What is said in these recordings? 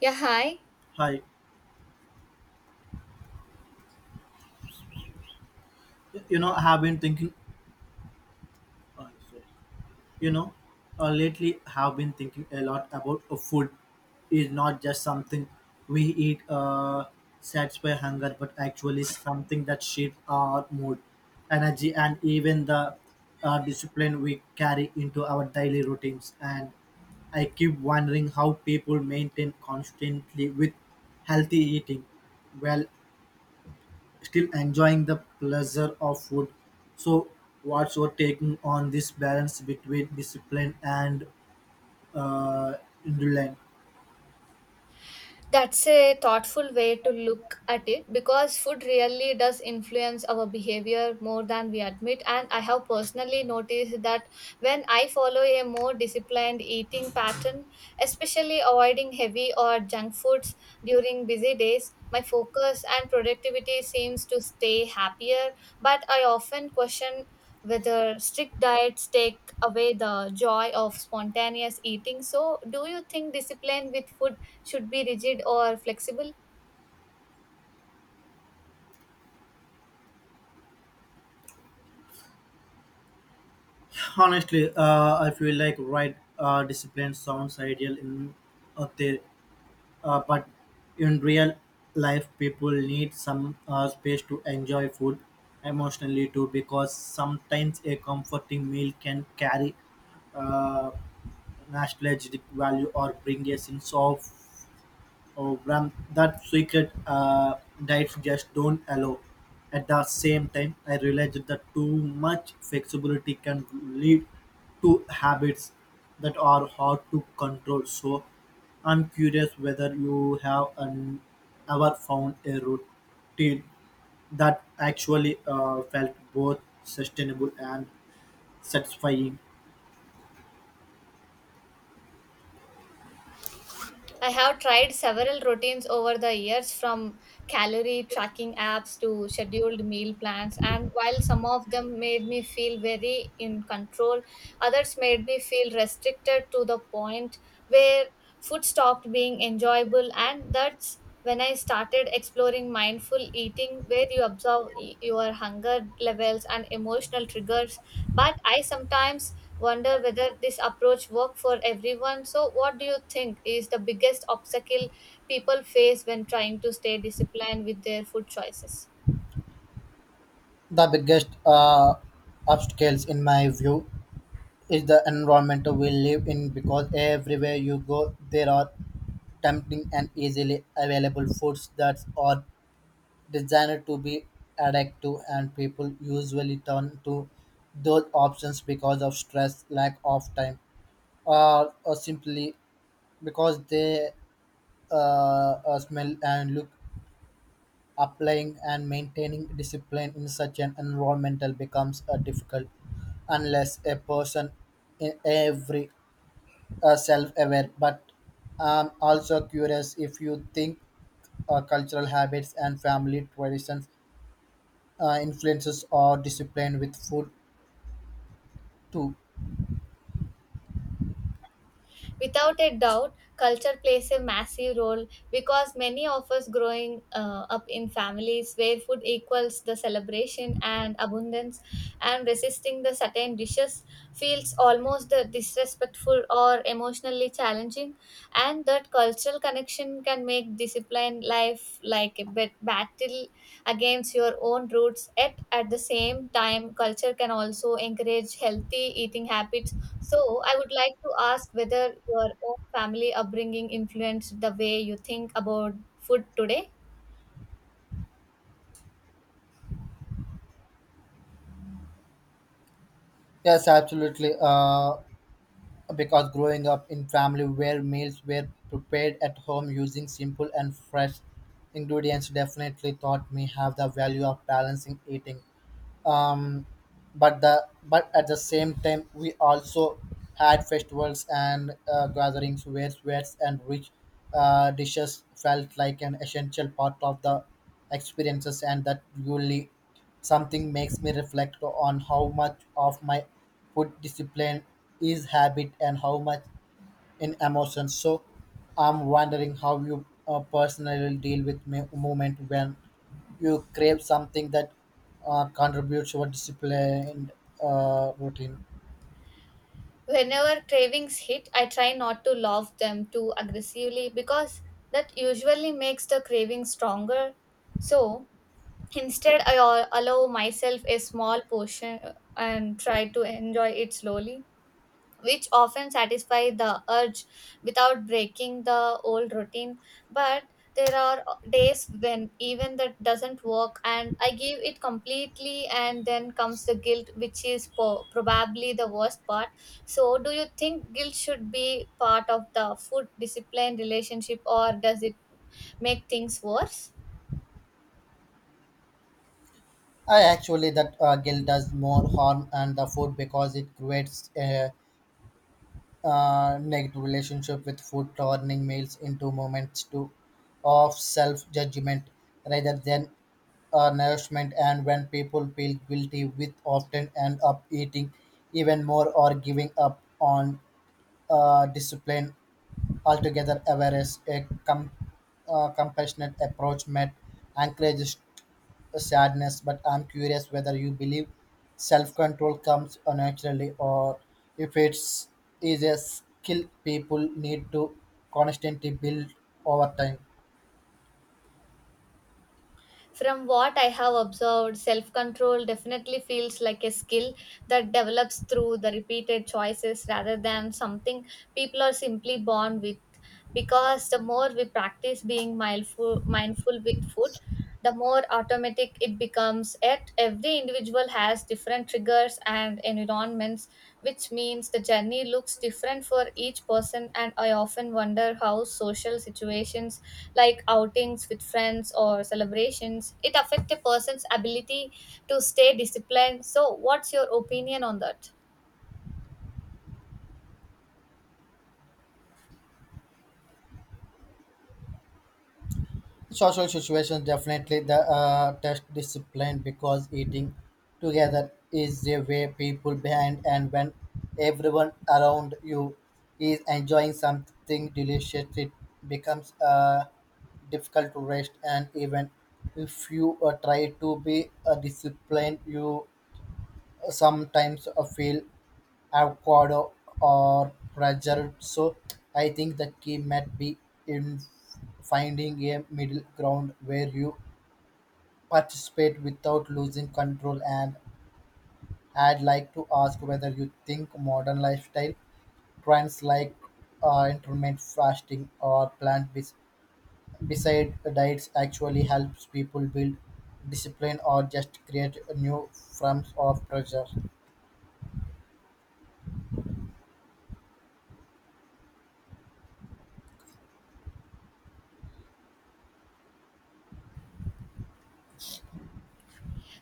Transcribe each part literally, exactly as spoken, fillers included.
Yeah, hi. Hi, you know, I have been thinking, uh, sorry. you know, uh, Lately I have been thinking a lot about uh, food. Is not just something we eat, uh, satisfy hunger, but actually something that shapes our mood, energy, and even the uh, discipline we carry into our daily routines. And I keep wondering how people maintain constantly with healthy eating. Well, still enjoying the pleasure of food. So, what's your taking on this balance between discipline and uh, indulgence? That's a thoughtful way to look at it because food really does influence our behavior more than we admit. And I have personally noticed that when I follow a more disciplined eating pattern, especially avoiding heavy or junk foods during busy days, my focus and productivity seems to stay happier. But I often question whether strict diets take away the joy of spontaneous eating. So, do you think discipline with food should be rigid or flexible? Honestly, uh, I feel like right uh, discipline sounds ideal in uh, the, uh, but in real life, people need some uh, space to enjoy food emotionally too, because sometimes a comforting meal can carry uh, nostalgic value or bring a sense of Oh, Bram, that secret uh, diets just don't allow. At the same time, I realized that too much flexibility can lead to habits that are hard to control. So, I'm curious whether you have an, ever found a routine that actually uh, felt both sustainable and satisfying. I have tried several routines over the years, from calorie tracking apps to scheduled meal plans, and while some of them made me feel very in control, others made me feel restricted to the point where food stopped being enjoyable, and that's when I started exploring mindful eating, where you observe y- your hunger levels and emotional triggers. But I sometimes wonder whether this approach works for everyone. So, what do you think is the biggest obstacle people face when trying to stay disciplined with their food choices? The biggest uh, obstacles, in my view, is the environment we live in because everywhere you go there are tempting and easily available foods that are designed to be addictive and people usually turn to those options because of stress lack of time or, or simply because they uh, uh, smell and look applying and maintaining discipline in such an environmental becomes uh, difficult unless a person in every uh, self-aware, but I'm also curious if you think uh, cultural habits and family traditions uh, influences or discipline with food too. Without a doubt, culture plays a massive role because many of us growing uh, up in families where food equals the celebration and abundance, and resisting the certain dishes feels almost uh, disrespectful or emotionally challenging, and that cultural connection can make disciplined life like a bet- battle against your own roots. Yet, at the same time, culture can also encourage healthy eating habits, so I would like to ask whether your own family upbringing influenced the way you think about food today. Yes, absolutely. Uh, because growing up in family where meals were prepared at home using simple and fresh ingredients definitely taught me have the value of balancing eating. Um, but the but at the same time we also had festivals and uh, gatherings where sweats and rich uh, dishes felt like an essential part of the experiences and that really something makes me reflect on how much of my food discipline is habit and how much in emotion. So I'm wondering how you uh, personally deal with me- moment when you crave something that uh, contributes to a disciplined uh, routine. Whenever cravings hit, I try not to love them too aggressively because that usually makes the craving stronger. So, instead, I al- allow myself a small portion uh, and try to enjoy it slowly, which often satisfy the urge without breaking the old routine. But there are days when even that doesn't work and I give it completely, and then comes the guilt, which is po- probably the worst part. So do you think guilt should be part of the food discipline relationship, or does it make things worse? I actually that uh, guilt does more harm and the food because it creates a uh, negative relationship with food, turning meals into moments to of self judgment rather than uh, nourishment. And when people feel guilty, with often end up eating even more or giving up on uh, discipline altogether, Averroes, a com- uh, compassionate approach, met Anchorage's sadness. But I'm curious whether you believe self control comes naturally or if it's is a skill people need to constantly build over time. From what I have observed, self control definitely feels like a skill that develops through the repeated choices rather than something people are simply born with. Because the more we practice being mindful, mindful with food, the more automatic it becomes at every individual has different triggers and environments, which means the journey looks different for each person. And I often wonder how social situations like outings with friends or celebrations it affect a person's ability to stay disciplined. So, what's your opinion on that? Social situations definitely the uh, test discipline because eating together is the way people behind and when everyone around you is enjoying something delicious it becomes uh, difficult to rest and even if you uh, try to be uh, disciplined you sometimes uh, feel avocado or pretzel. So I think the key might be in finding a middle ground where you participate without losing control. And I'd like to ask whether you think modern lifestyle trends like uh, intermittent fasting or plant based beside diets actually helps people build discipline or just create new forms of pressure.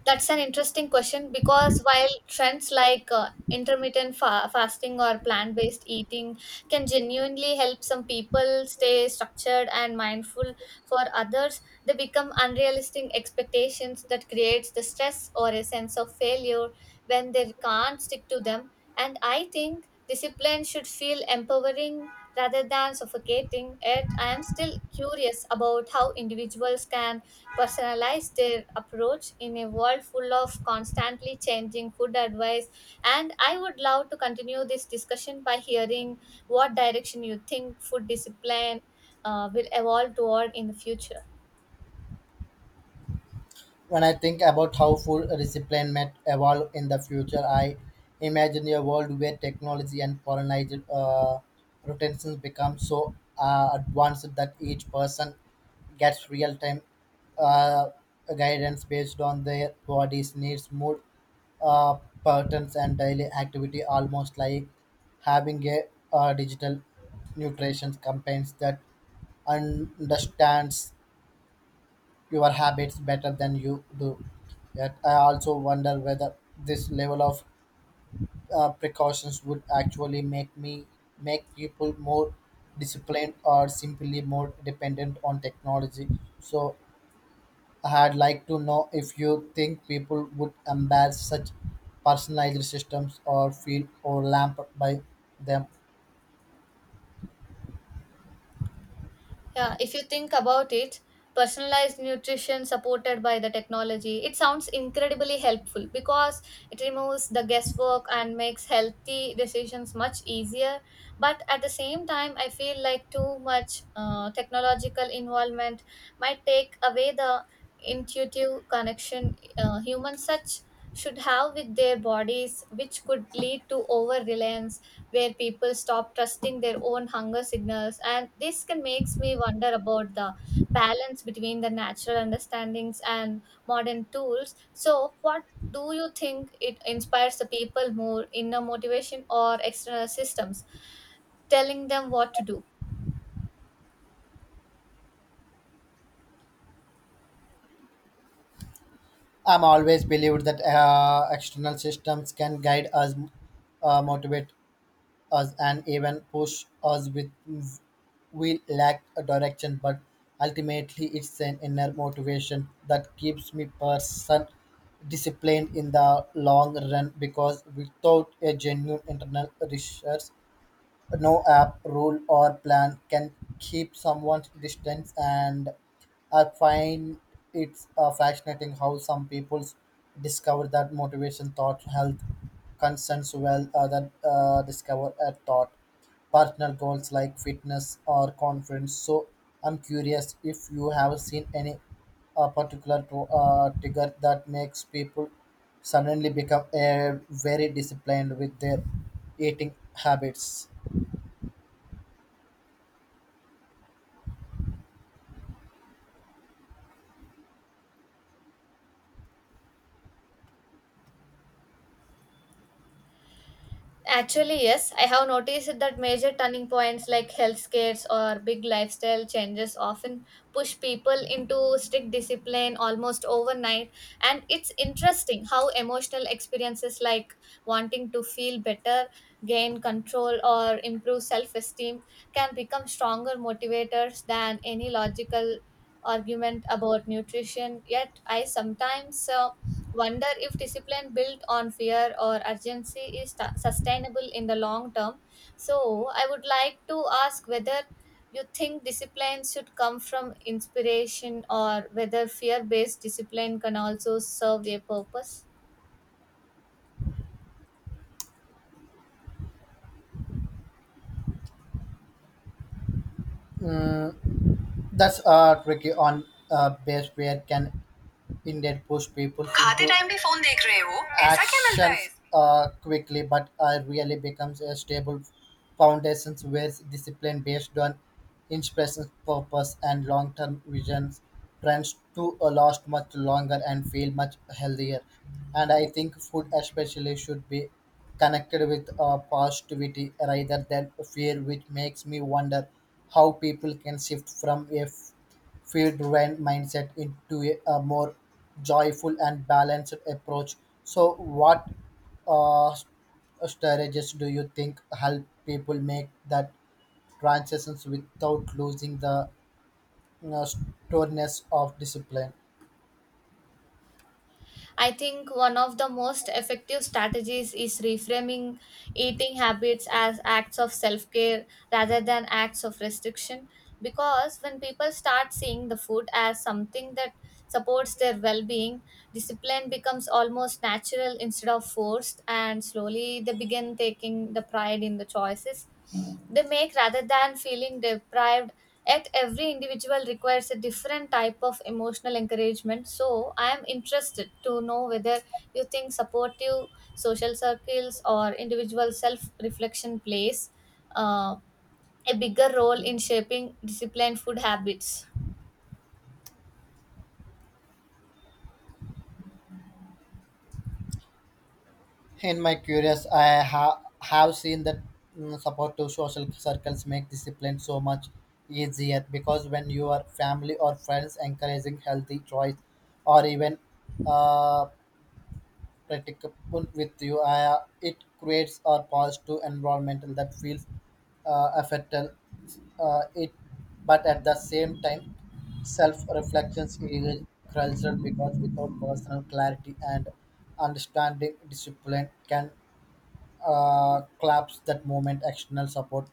That's an interesting question because while trends like uh, intermittent fa- fasting or plant based eating can genuinely help some people stay structured and mindful, for others, they become unrealistic expectations that creates the stress or a sense of failure when they can't stick to them. And I think discipline should feel empowering rather than suffocating. Yet, I am still curious about how individuals can personalize their approach in a world full of constantly changing food advice. And I would love to continue this discussion by hearing what direction you think food discipline uh, will evolve toward in the future. When I think about how food discipline might evolve in the future, I imagine a world where technology and colonized uh, rotations become so uh, advanced that each person gets real-time uh, guidance based on their body's needs, mood uh, patterns, and daily activity, almost like having a uh, digital nutrition campaigns that understands your habits better than you do. Yet I also wonder whether this level of uh, precautions would actually make me make people more disciplined or simply more dependent on technology. So I'd like to know if you think people would embrace such personalized systems or feel overwhelmed by them. Yeah, if you think about it, personalized nutrition supported by the technology, it sounds incredibly helpful because it removes the guesswork and makes healthy decisions much easier. But at the same time, I feel like too much uh, technological involvement might take away the intuitive connection uh, humans such should have with their bodies, which could lead to over reliance where people stop trusting their own hunger signals, and this can makes me wonder about the balance between the natural understandings and modern tools. So what do you think it inspires the people? More inner motivation or external systems telling them what to do? I'm always believed that uh, external systems can guide us, uh, motivate us and even push us with we lack a direction but ultimately it's an inner motivation that keeps me person disciplined in the long run because without a genuine internal research no app, rule, or plan can keep someone's distance, and I find it's uh, fascinating how some people discover that motivation, thought, health concerns, well, other uh, discover a thought, personal goals like fitness or confidence. So I'm curious if you have seen any uh, particular to, uh, trigger that makes people suddenly become uh, very disciplined with their eating habits. Actually, yes, I have noticed that major turning points like health scares or big lifestyle changes often push people into strict discipline almost overnight. And it's interesting how emotional experiences like wanting to feel better, gain control, or improve self esteem can become stronger motivators than any logical argument about nutrition. Yet, I sometimes uh, wonder if discipline built on fear or urgency is stu- sustainable in the long term. So, I would like to ask whether you think discipline should come from inspiration or whether fear based discipline can also serve a purpose. Uh, That's uh, tricky on uh, base where can Indian post people खाते into time भी phone देख रहे हो ऐसा क्या मिलता है actions uh, quickly but uh, really becomes a stable foundation where discipline based on inspiration purpose and long-term visions trends to uh, last much longer and feel much healthier. And I think food especially should be connected with uh, positivity rather than fear which makes me wonder how people can shift from a feed rent mindset into a, a more joyful and balanced approach. So, what uh, s- uh, strategies do you think help people make that transitions without losing the you know, sturdiness of discipline? I think one of the most effective strategies is reframing eating habits as acts of self care rather than acts of restriction. Because when people start seeing the food as something that supports their well being, discipline becomes almost natural instead of forced, and slowly they begin taking the pride in the choices they make rather than feeling deprived. Yet every individual requires a different type of emotional encouragement, so I am interested to know whether you think supportive social circles or individual self reflection plays uh, a bigger role in shaping disciplined food habits. In my curious, I ha- have seen that mm, support to social circles make discipline so much easier because when your family or friends encouraging healthy choice or even uh, practicable with you. I, uh, it creates a positive environment that feels uh, affected uh, it, but at the same time, self-reflections is crucial because without personal clarity and understanding, discipline can uh, collapse that moment. External support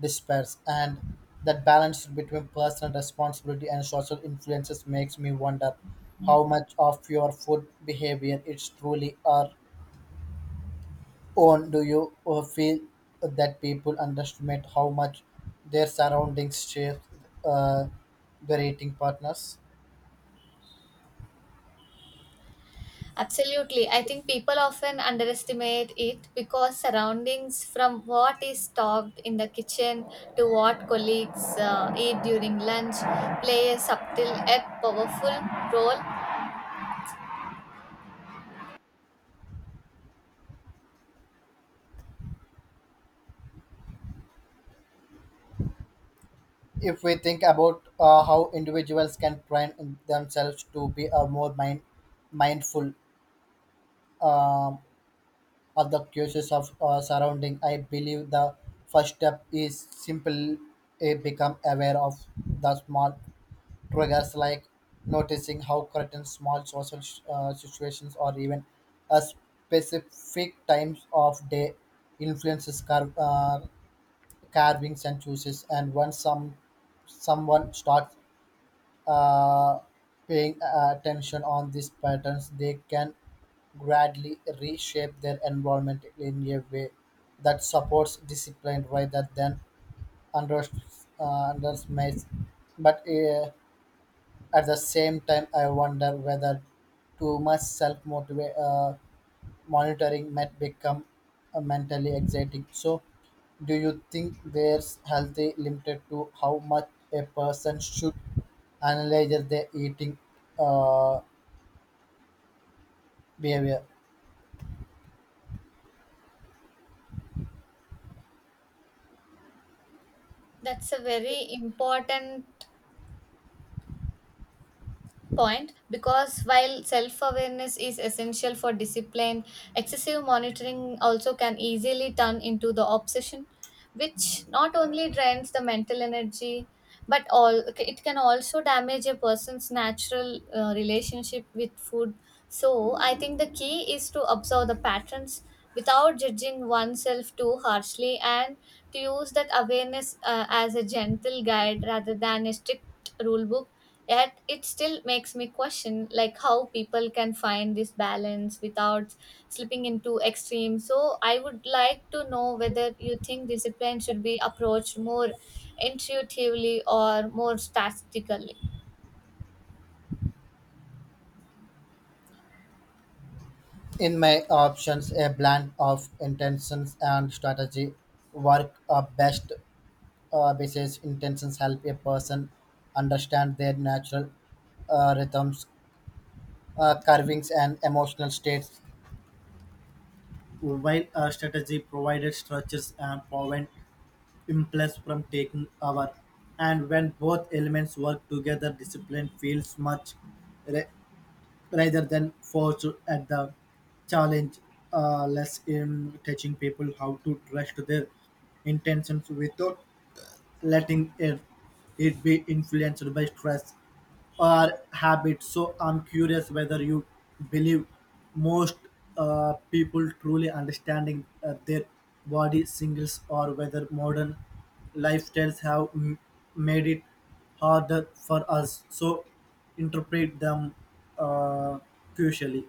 despairs, and that balance between personal responsibility and social influences makes me wonder how much of your food behavior is truly are own. Do you uh, feel that people underestimate how much their surroundings shape uh, their eating partners? Absolutely. I think people often underestimate it because surroundings, from what is stocked in the kitchen to what colleagues uh, eat during lunch, play a subtle yet powerful role. If we think about uh, how individuals can train themselves to be uh, more mind, mindful um, of the cues of uh, surrounding, I believe the first step is simple uh, become aware of the small triggers like noticing how certain small social uh, situations or even a specific times of day influences car- uh, carvings and choices. And once some someone starts uh, paying uh, attention on these patterns, they can gradually reshape their environment in a way that supports discipline rather than unders- uh, underestimates. But uh, at the same time, I wonder whether too much self uh, monitoring might become uh, mentally exciting. So, do you think there's healthy limited to how much a person should analyze their eating uh, behavior? That's a very important point because while self awareness is essential for discipline, excessive monitoring also can easily turn into the obsession, which not only drains the mental energy but all it can also damage a person's natural uh, relationship with food. So, I think the key is to observe the patterns without judging oneself too harshly and to use that awareness uh, as a gentle guide rather than a strict rule book. Yet it still makes me question like how people can find this balance without slipping into extremes. So I would like to know whether you think discipline should be approached more intuitively or more strategically. In my options, a blend of intentions and strategy work uh, best uh, basis. Intentions help a person understand their natural uh, rhythms uh, carvings and emotional states. While our strategy provided structures and prevent impulse from taking over, and when both elements work together, discipline feels much ra- rather than forced at the challenge, uh, less in teaching people how to trust their intentions without letting it, it be influenced by stress or habits. So I'm curious whether you believe most uh, people truly understanding uh, their body singles or whether modern lifestyles have m- made it harder for us. So interpret them uh, crucially.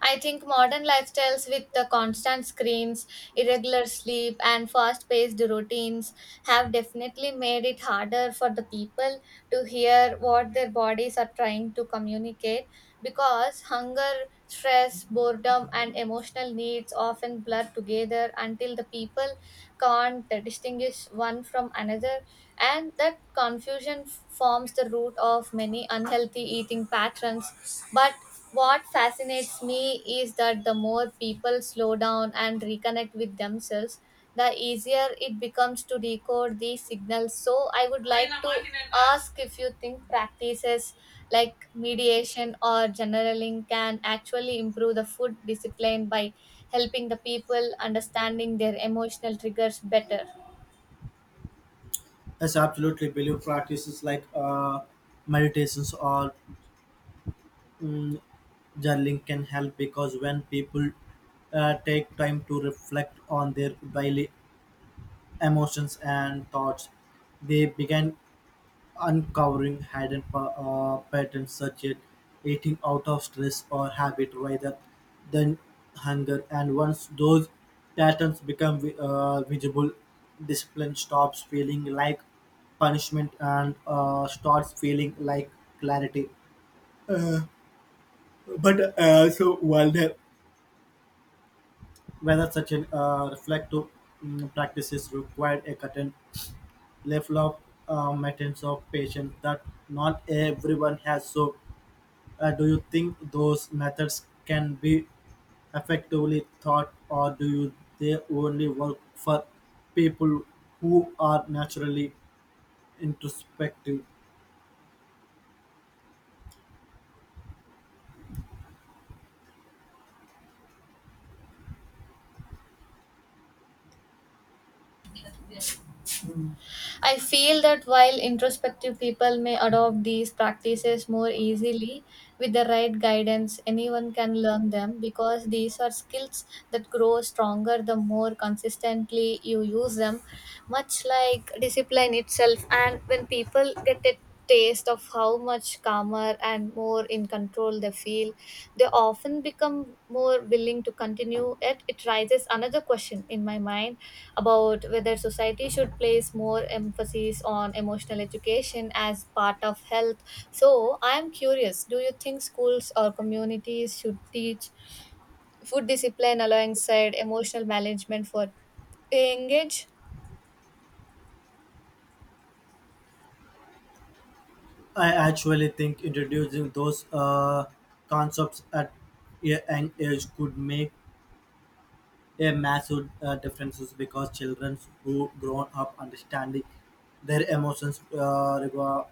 I think modern lifestyles, with the constant screens, irregular sleep, and fast paced routines, have definitely made it harder for the people to hear what their bodies are trying to communicate, because hunger, stress, boredom, and emotional needs often blur together until the people can't distinguish one from another, and that confusion f- forms the root of many unhealthy eating patterns. But what fascinates me is that the more people slow down and reconnect with themselves, the easier it becomes to decode these signals. So, I would like to ask if you think practices like mediation or generaling can actually improve the food discipline by helping the people understanding their emotional triggers better. Yes, absolutely. Believe practices like uh, meditations or mm, journaling can help because when people uh, take time to reflect on their daily emotions, and thoughts, they began uncovering hidden pa- uh, patterns such as eating out of stress or habit rather than hunger. And once those patterns become vi- uh, visible, discipline stops feeling like punishment and uh, starts feeling like clarity. Uh, but uh, So while there, whether such an uh, reflective mm, practices required a certain level of uh, maintenance of patients that not everyone has. So, uh, do you think those methods can be effectively taught, or do you they only work for people who are naturally introspective? I feel that while introspective people may adopt these practices more easily, with the right guidance, anyone can learn them because these are skills that grow stronger the more consistently you use them, much like discipline itself. And when people get a taste of how much calmer and more in control they feel, they often become more willing to continue. Yet it raises another question in my mind about whether society should place more emphasis on emotional education as part of health. So, I am curious, do you think schools or communities should teach food discipline alongside emotional management for engage? I actually think introducing those uh, concepts at a young age could make a massive uh, difference because children who grown up understanding their emotions, uh, rego-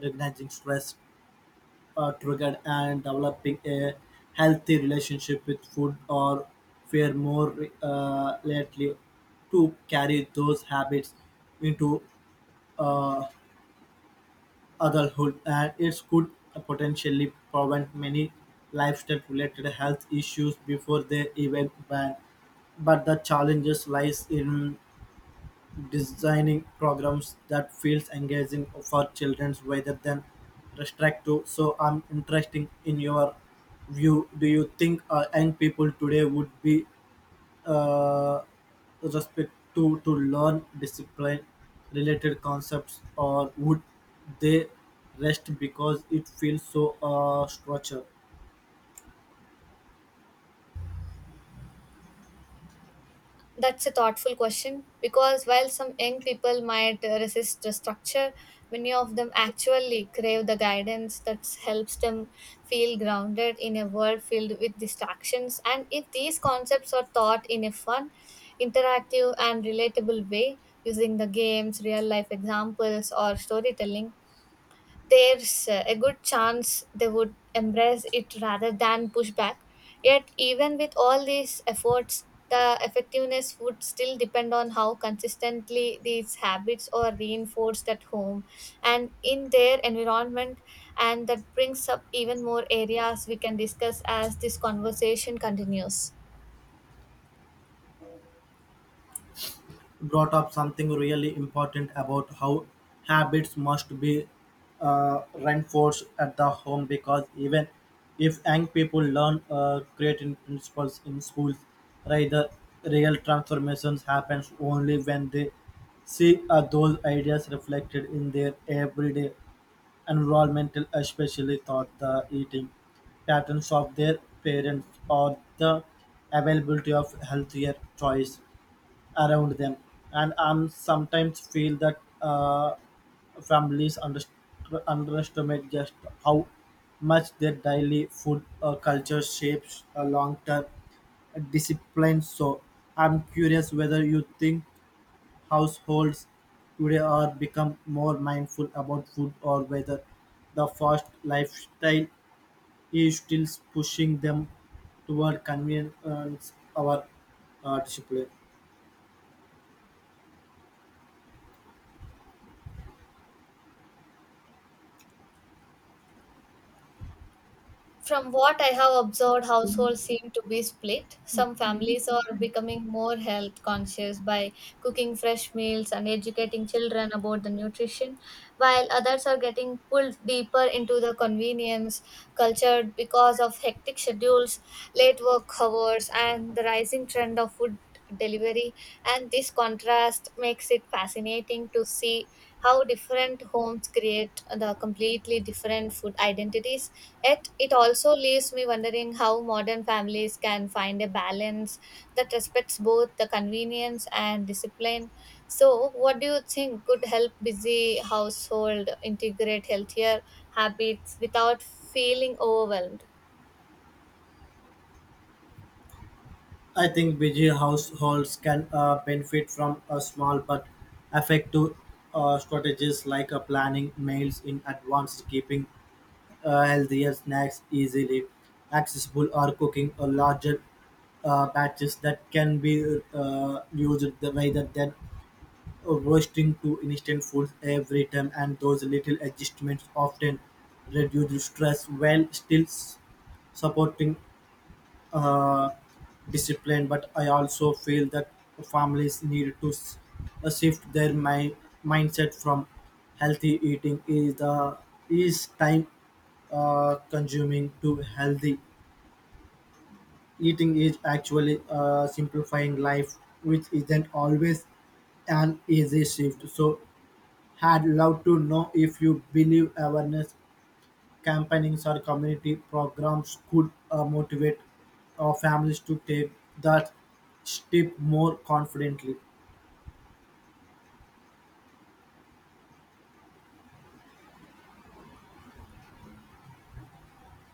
recognizing stress uh, triggered, and developing a healthy relationship with food or fare more uh, likely to carry those habits into uh, adulthood, and it could potentially prevent many lifestyle-related health issues before they even ban but the challenges lies in designing programs that feels engaging for children rather than restrictive. So I'm interested in your view. Do you think uh, young people today would be uh, respect to to learn discipline related concepts, or would they rest because it feels so uh, structured? That's a thoughtful question because while some young people might uh, resist the structure, many of them actually crave the guidance that helps them feel grounded in a world filled with distractions. And if these concepts are taught in a fun, interactive, and relatable way using the games, real life examples, or storytelling, there's uh, a good chance they would embrace it rather than push back. Yet, even with all these efforts, the effectiveness would still depend on how consistently these habits are reinforced at home and in their environment. And that brings up even more areas we can discuss as this conversation continues. Brought up something really important about how habits must be uh, reinforced at the home because even if young people learn uh, creating principles in schools, right, the real transformations happens only when they see uh, those ideas reflected in their everyday environmental, especially thought the eating patterns of their parents or the availability of healthier choice around them, and I sometimes feel that uh, families underst- underestimate just how much their daily food uh, culture shapes a long-term discipline. So I'm curious whether you think households today are become more mindful about food or whether the fast lifestyle is still pushing them toward convenience or uh, discipline. From what I have observed, households seem to be split. Some families are becoming more health conscious by cooking fresh meals and educating children about the nutrition, while others are getting pulled deeper into the convenience culture because of hectic schedules, late work hours, and the rising trend of food delivery. And this contrast makes it fascinating to see how different homes create the completely different food identities. Yet it also leaves me wondering how modern families can find a balance that respects both the convenience and discipline. So what do you think could help busy household integrate healthier habits without feeling overwhelmed? I think busy households can uh, benefit from a small but effective uh, strategies like uh, planning meals in advance, keeping uh, healthier snacks easily accessible, or cooking a larger uh, batches that can be uh, used the way that then roasting to instant foods every time, and those little adjustments often reduce stress while still s- supporting uh, discipline, but I also feel that families need to s- uh, shift their mi- mindset from healthy eating is the is time uh, consuming to healthy eating is actually uh, simplifying life, which isn't always an easy shift. So, had loved to know if you believe awareness Campaignings or community programs could uh, motivate uh, families to take that step more confidently.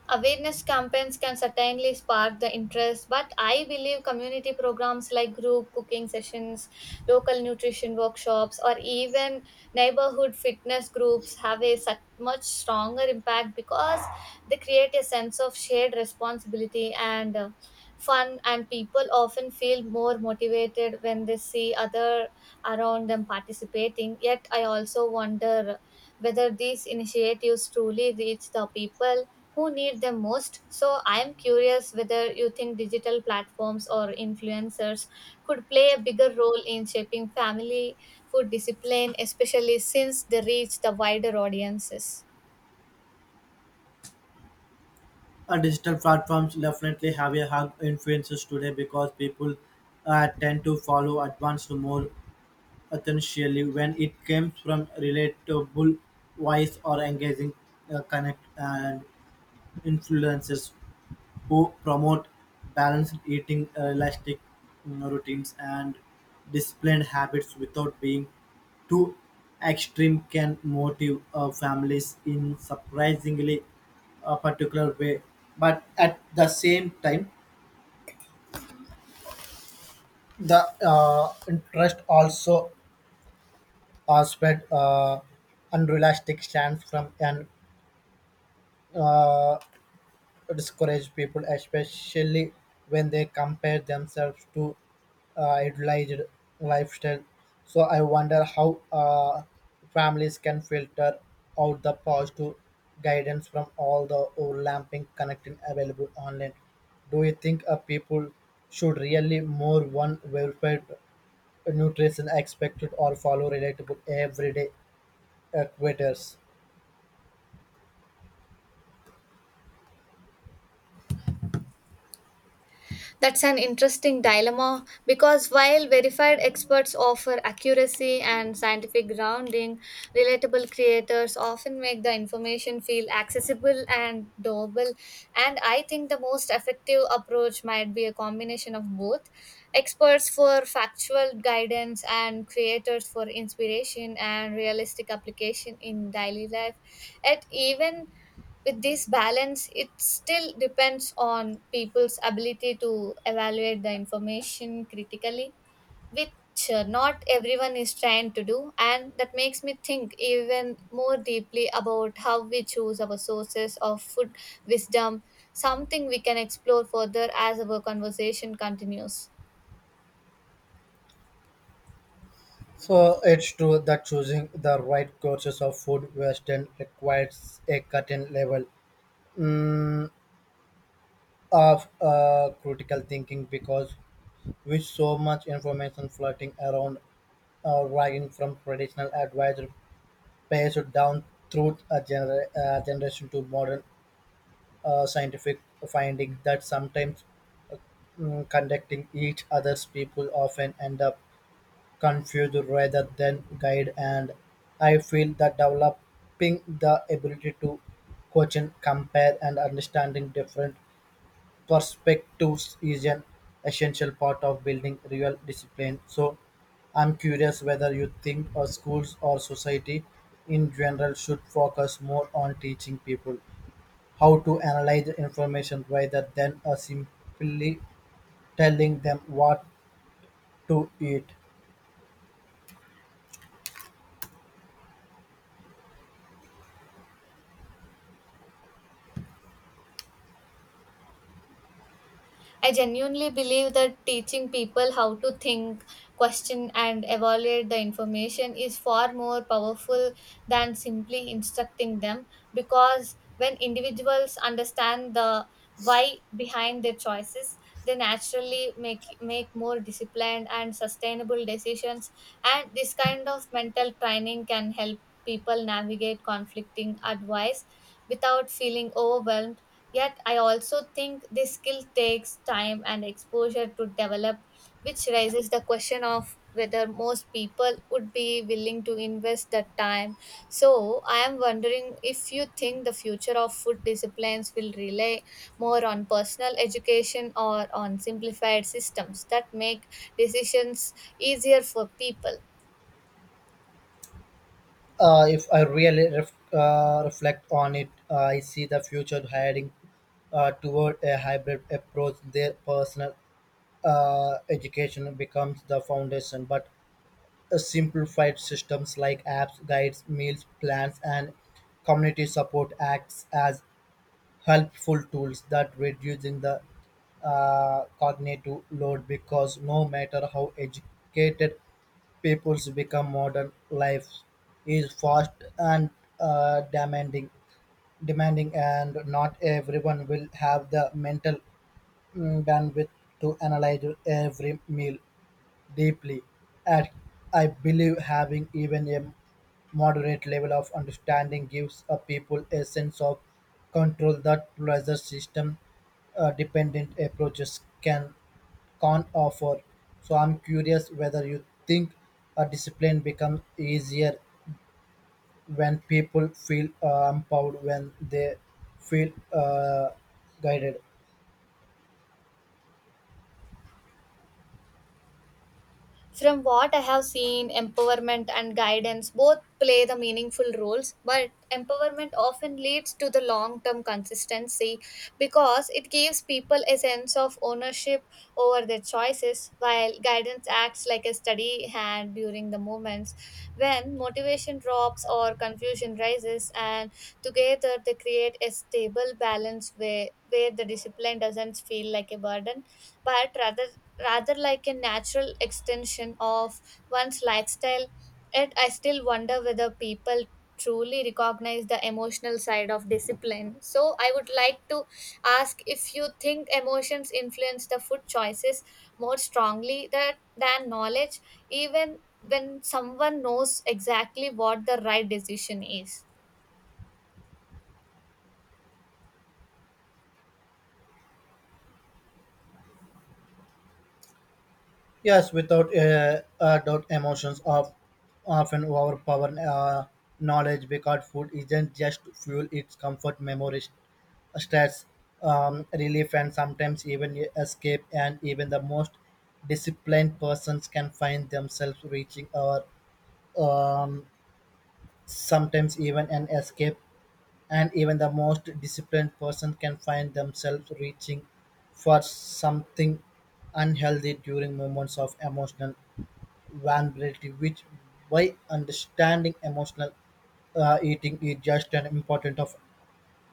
Awareness campaigns can certainly spark the interest, but I believe community programs like group cooking sessions, local nutrition workshops, or even neighborhood fitness groups have a such much stronger impact because they create a sense of shared responsibility and uh, fun, and people often feel more motivated when they see other around them participating. Yet, I also wonder whether these initiatives truly reach the people who need them most. So, I am curious whether you think digital platforms or influencers could play a bigger role in shaping family food discipline, especially since they reach the wider audiences. Uh, digital platforms definitely have a hug influences today because people uh, tend to follow advanced more essentially when it comes from relatable voice or engaging uh, connect and influences who promote balanced eating, realistic routines, and disciplined habits without being too extreme can motive uh, families in surprisingly a particular way. But at the same time, the uh, interest also are spread uh, unrealistic stance from an uh, discourage people, especially when they compare themselves to uh, idealized lifestyle. So I wonder how uh, families can filter out the positive guidance from all the overlapping content available online. Do you think uh, people should really more one verified nutrition expected or follow relatable everyday equators? That's an interesting dilemma because while verified experts offer accuracy and scientific grounding, relatable creators often make the information feel accessible and doable. And I think the most effective approach might be a combination of both experts for factual guidance and creators for inspiration and realistic application in daily life. Yet, even with this balance it still depends on people's ability to evaluate the information critically, which uh, not everyone is trained to do, and that makes me think even more deeply about how we choose our sources of food wisdom, something we can explore further as our conversation continues. So it's true that choosing the right courses of food western requires a certain level, mm, of uh, critical thinking because with so much information floating around, uh, varying from traditional advisor passed down through a gener- uh, generation to modern uh, scientific finding that sometimes mm, conducting each other's people often end up confuse rather than guide, and I feel that developing the ability to question, compare and understanding different perspectives is an essential part of building real discipline. So I'm curious whether you think our schools or society in general should focus more on teaching people how to analyze information rather than uh, simply telling them what to eat. I genuinely believe that teaching people how to think, question, and evaluate the information is far more powerful than simply instructing them, because when individuals understand the why behind their choices, they naturally make, make more disciplined and sustainable decisions. And this kind of mental training can help people navigate conflicting advice without feeling overwhelmed. Yet, I also think this skill takes time and exposure to develop, which raises the question of whether most people would be willing to invest that time. So, I am wondering if you think the future of food disciplines will rely more on personal education or on simplified systems that make decisions easier for people. Uh, if I really ref- uh, reflect on it, uh, I see the future heading uh, toward a hybrid approach. Their personal uh, education becomes the foundation, but a simplified systems like apps, guides, meals plans, and community support acts as helpful tools that reducing the uh, cognitive load because no matter how educated people's become, modern life is fast and uh, demanding demanding, and not everyone will have the mental mm, bandwidth to analyze every meal deeply, and I believe having even a moderate level of understanding gives a people a sense of control that pleasure system uh, dependent approaches can can offer. So I'm curious whether you think a discipline becomes easier when people feel uh, empowered, when they feel uh, guided. From what I have seen, empowerment and guidance both play the meaningful roles, but empowerment often leads to the long term consistency because it gives people a sense of ownership over their choices, while guidance acts like a steady hand during the moments when motivation drops or confusion rises, and together they create a stable balance where, where the discipline doesn't feel like a burden but rather rather like a natural extension of one's lifestyle. Yet I still wonder whether people truly recognize the emotional side of discipline. So I would like to ask if you think emotions influence the food choices more strongly that, than knowledge, even when someone knows exactly what the right decision is. Yes, without uh, uh, doubt, emotions of often overpower uh, knowledge because food isn't just fuel; it's comfort, memories, stress, um, relief, and sometimes even e, escape. And even the most disciplined persons can find themselves reaching or um, sometimes even an escape, and even the most disciplined person can find themselves reaching for something unhealthy during moments of emotional vulnerability, which by understanding emotional uh, eating is just as important of,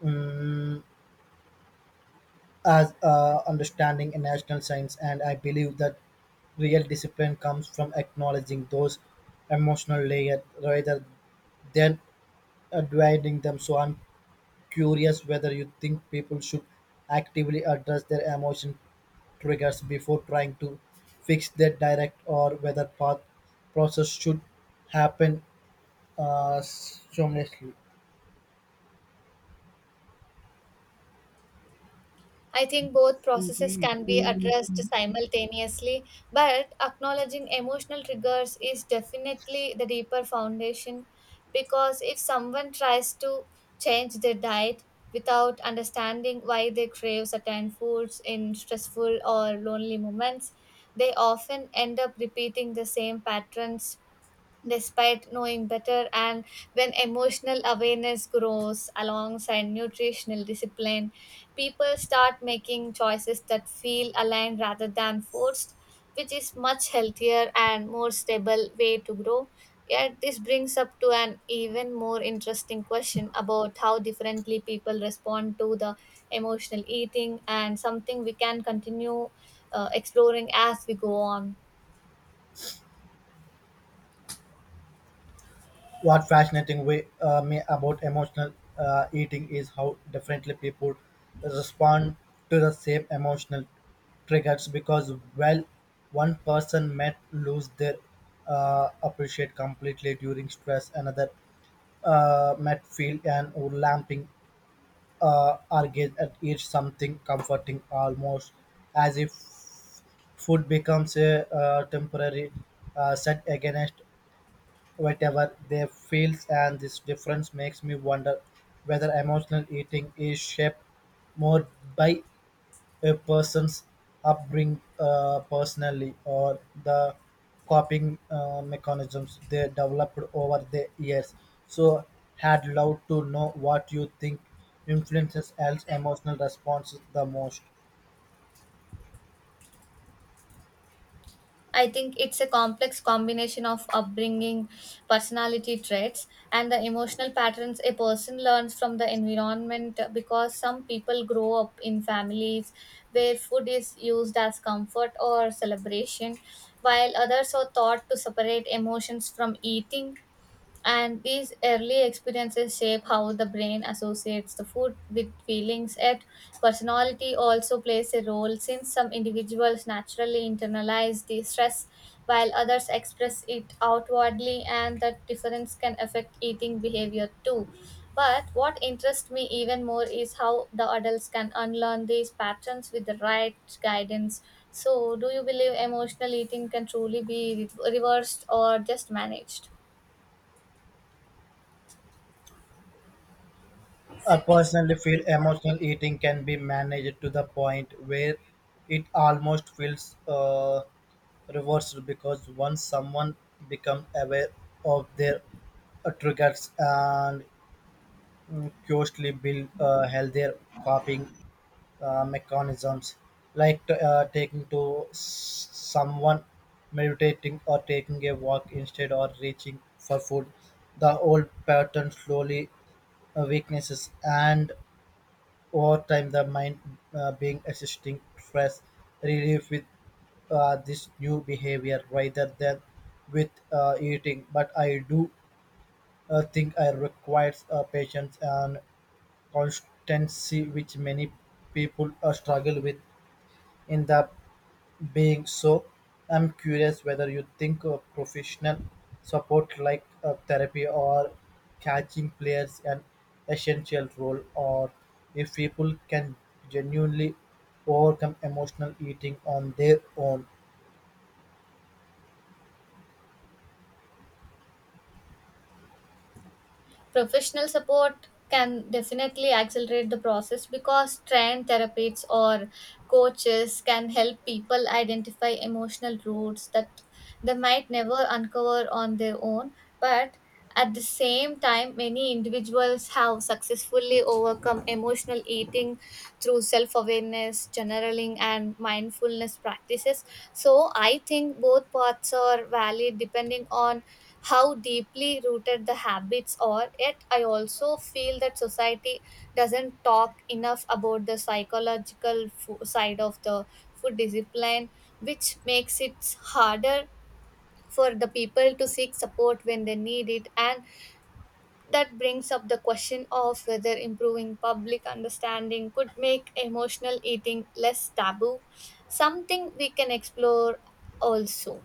um, as uh, understanding in national science, and I believe that real discipline comes from acknowledging those emotional layers rather than uh, dividing them. So curious whether you think people should actively address their emotion triggers before trying to fix their direct or whether path process should happen uh, seamlessly. I think both processes can be addressed simultaneously, but acknowledging emotional triggers is definitely the deeper foundation, because if someone tries to change their diet without understanding why they crave certain foods in stressful or lonely moments, they often end up repeating the same patterns despite knowing better. And when emotional awareness grows alongside nutritional discipline, people start making choices that feel aligned rather than forced, which is much healthier and more stable way to grow. Yet this brings up to an even more interesting question about how differently people respond to the emotional eating, and something we can continue uh, exploring as we go on. What fascinating way uh, me about emotional uh, eating is how differently people respond to the same emotional triggers because, well, one person might lose their uh, appreciate completely during stress, another Uh, Matfield and Lamping uh, engage at each something comforting, almost as if food becomes a uh, temporary uh, set against whatever they feel, and this difference makes me wonder whether emotional eating is shaped more by a person's upbringing uh, personally or the coping uh, mechanisms they developed over the years. So, had love to know what you think influences else emotional responses the most. I think it's a complex combination of upbringing, personality traits, and the emotional patterns a person learns from the environment, because some people grow up in families where food is used as comfort or celebration, while others are taught to separate emotions from eating, and these early experiences shape how the brain associates the food with feelings. Yet, personality also plays a role since some individuals naturally internalize the stress while others express it outwardly, and that difference can affect eating behavior too. But what interests me even more is how the adults can unlearn these patterns with the right guidance. So, do you believe emotional eating can truly be re- reversed or just managed? I personally feel emotional eating can be managed to the point where it almost feels uh, reversed because once someone becomes aware of their uh, triggers and mm, curiously build uh, healthier coping uh, mechanisms, like t- uh, taking to s- someone, meditating, or taking a walk instead or reaching for food. The old pattern slowly uh, weaknesses, and over time, the mind uh, being assisting stress relief with uh, this new behavior rather than with uh, eating. But I do uh, think I requires uh, patience and constancy, which many people uh, struggle with in the being. So I'm curious whether you think uh, professional support like uh, therapy or catching players an essential role or if people can genuinely overcome emotional eating on their own. Professional support can definitely accelerate the process because trained therapists or coaches can help people identify emotional roots that they might never uncover on their own. But at the same time, many individuals have successfully overcome emotional eating through self awareness awareness, journaling, and mindfulness practices. So I think both paths are valid depending on how deeply rooted the habits are. Yet I also feel that society doesn't talk enough about the psychological fo- side of the food discipline, which makes it harder for the people to seek support when they need it, and that brings up the question of whether improving public understanding could make emotional eating less taboo, something we can explore also.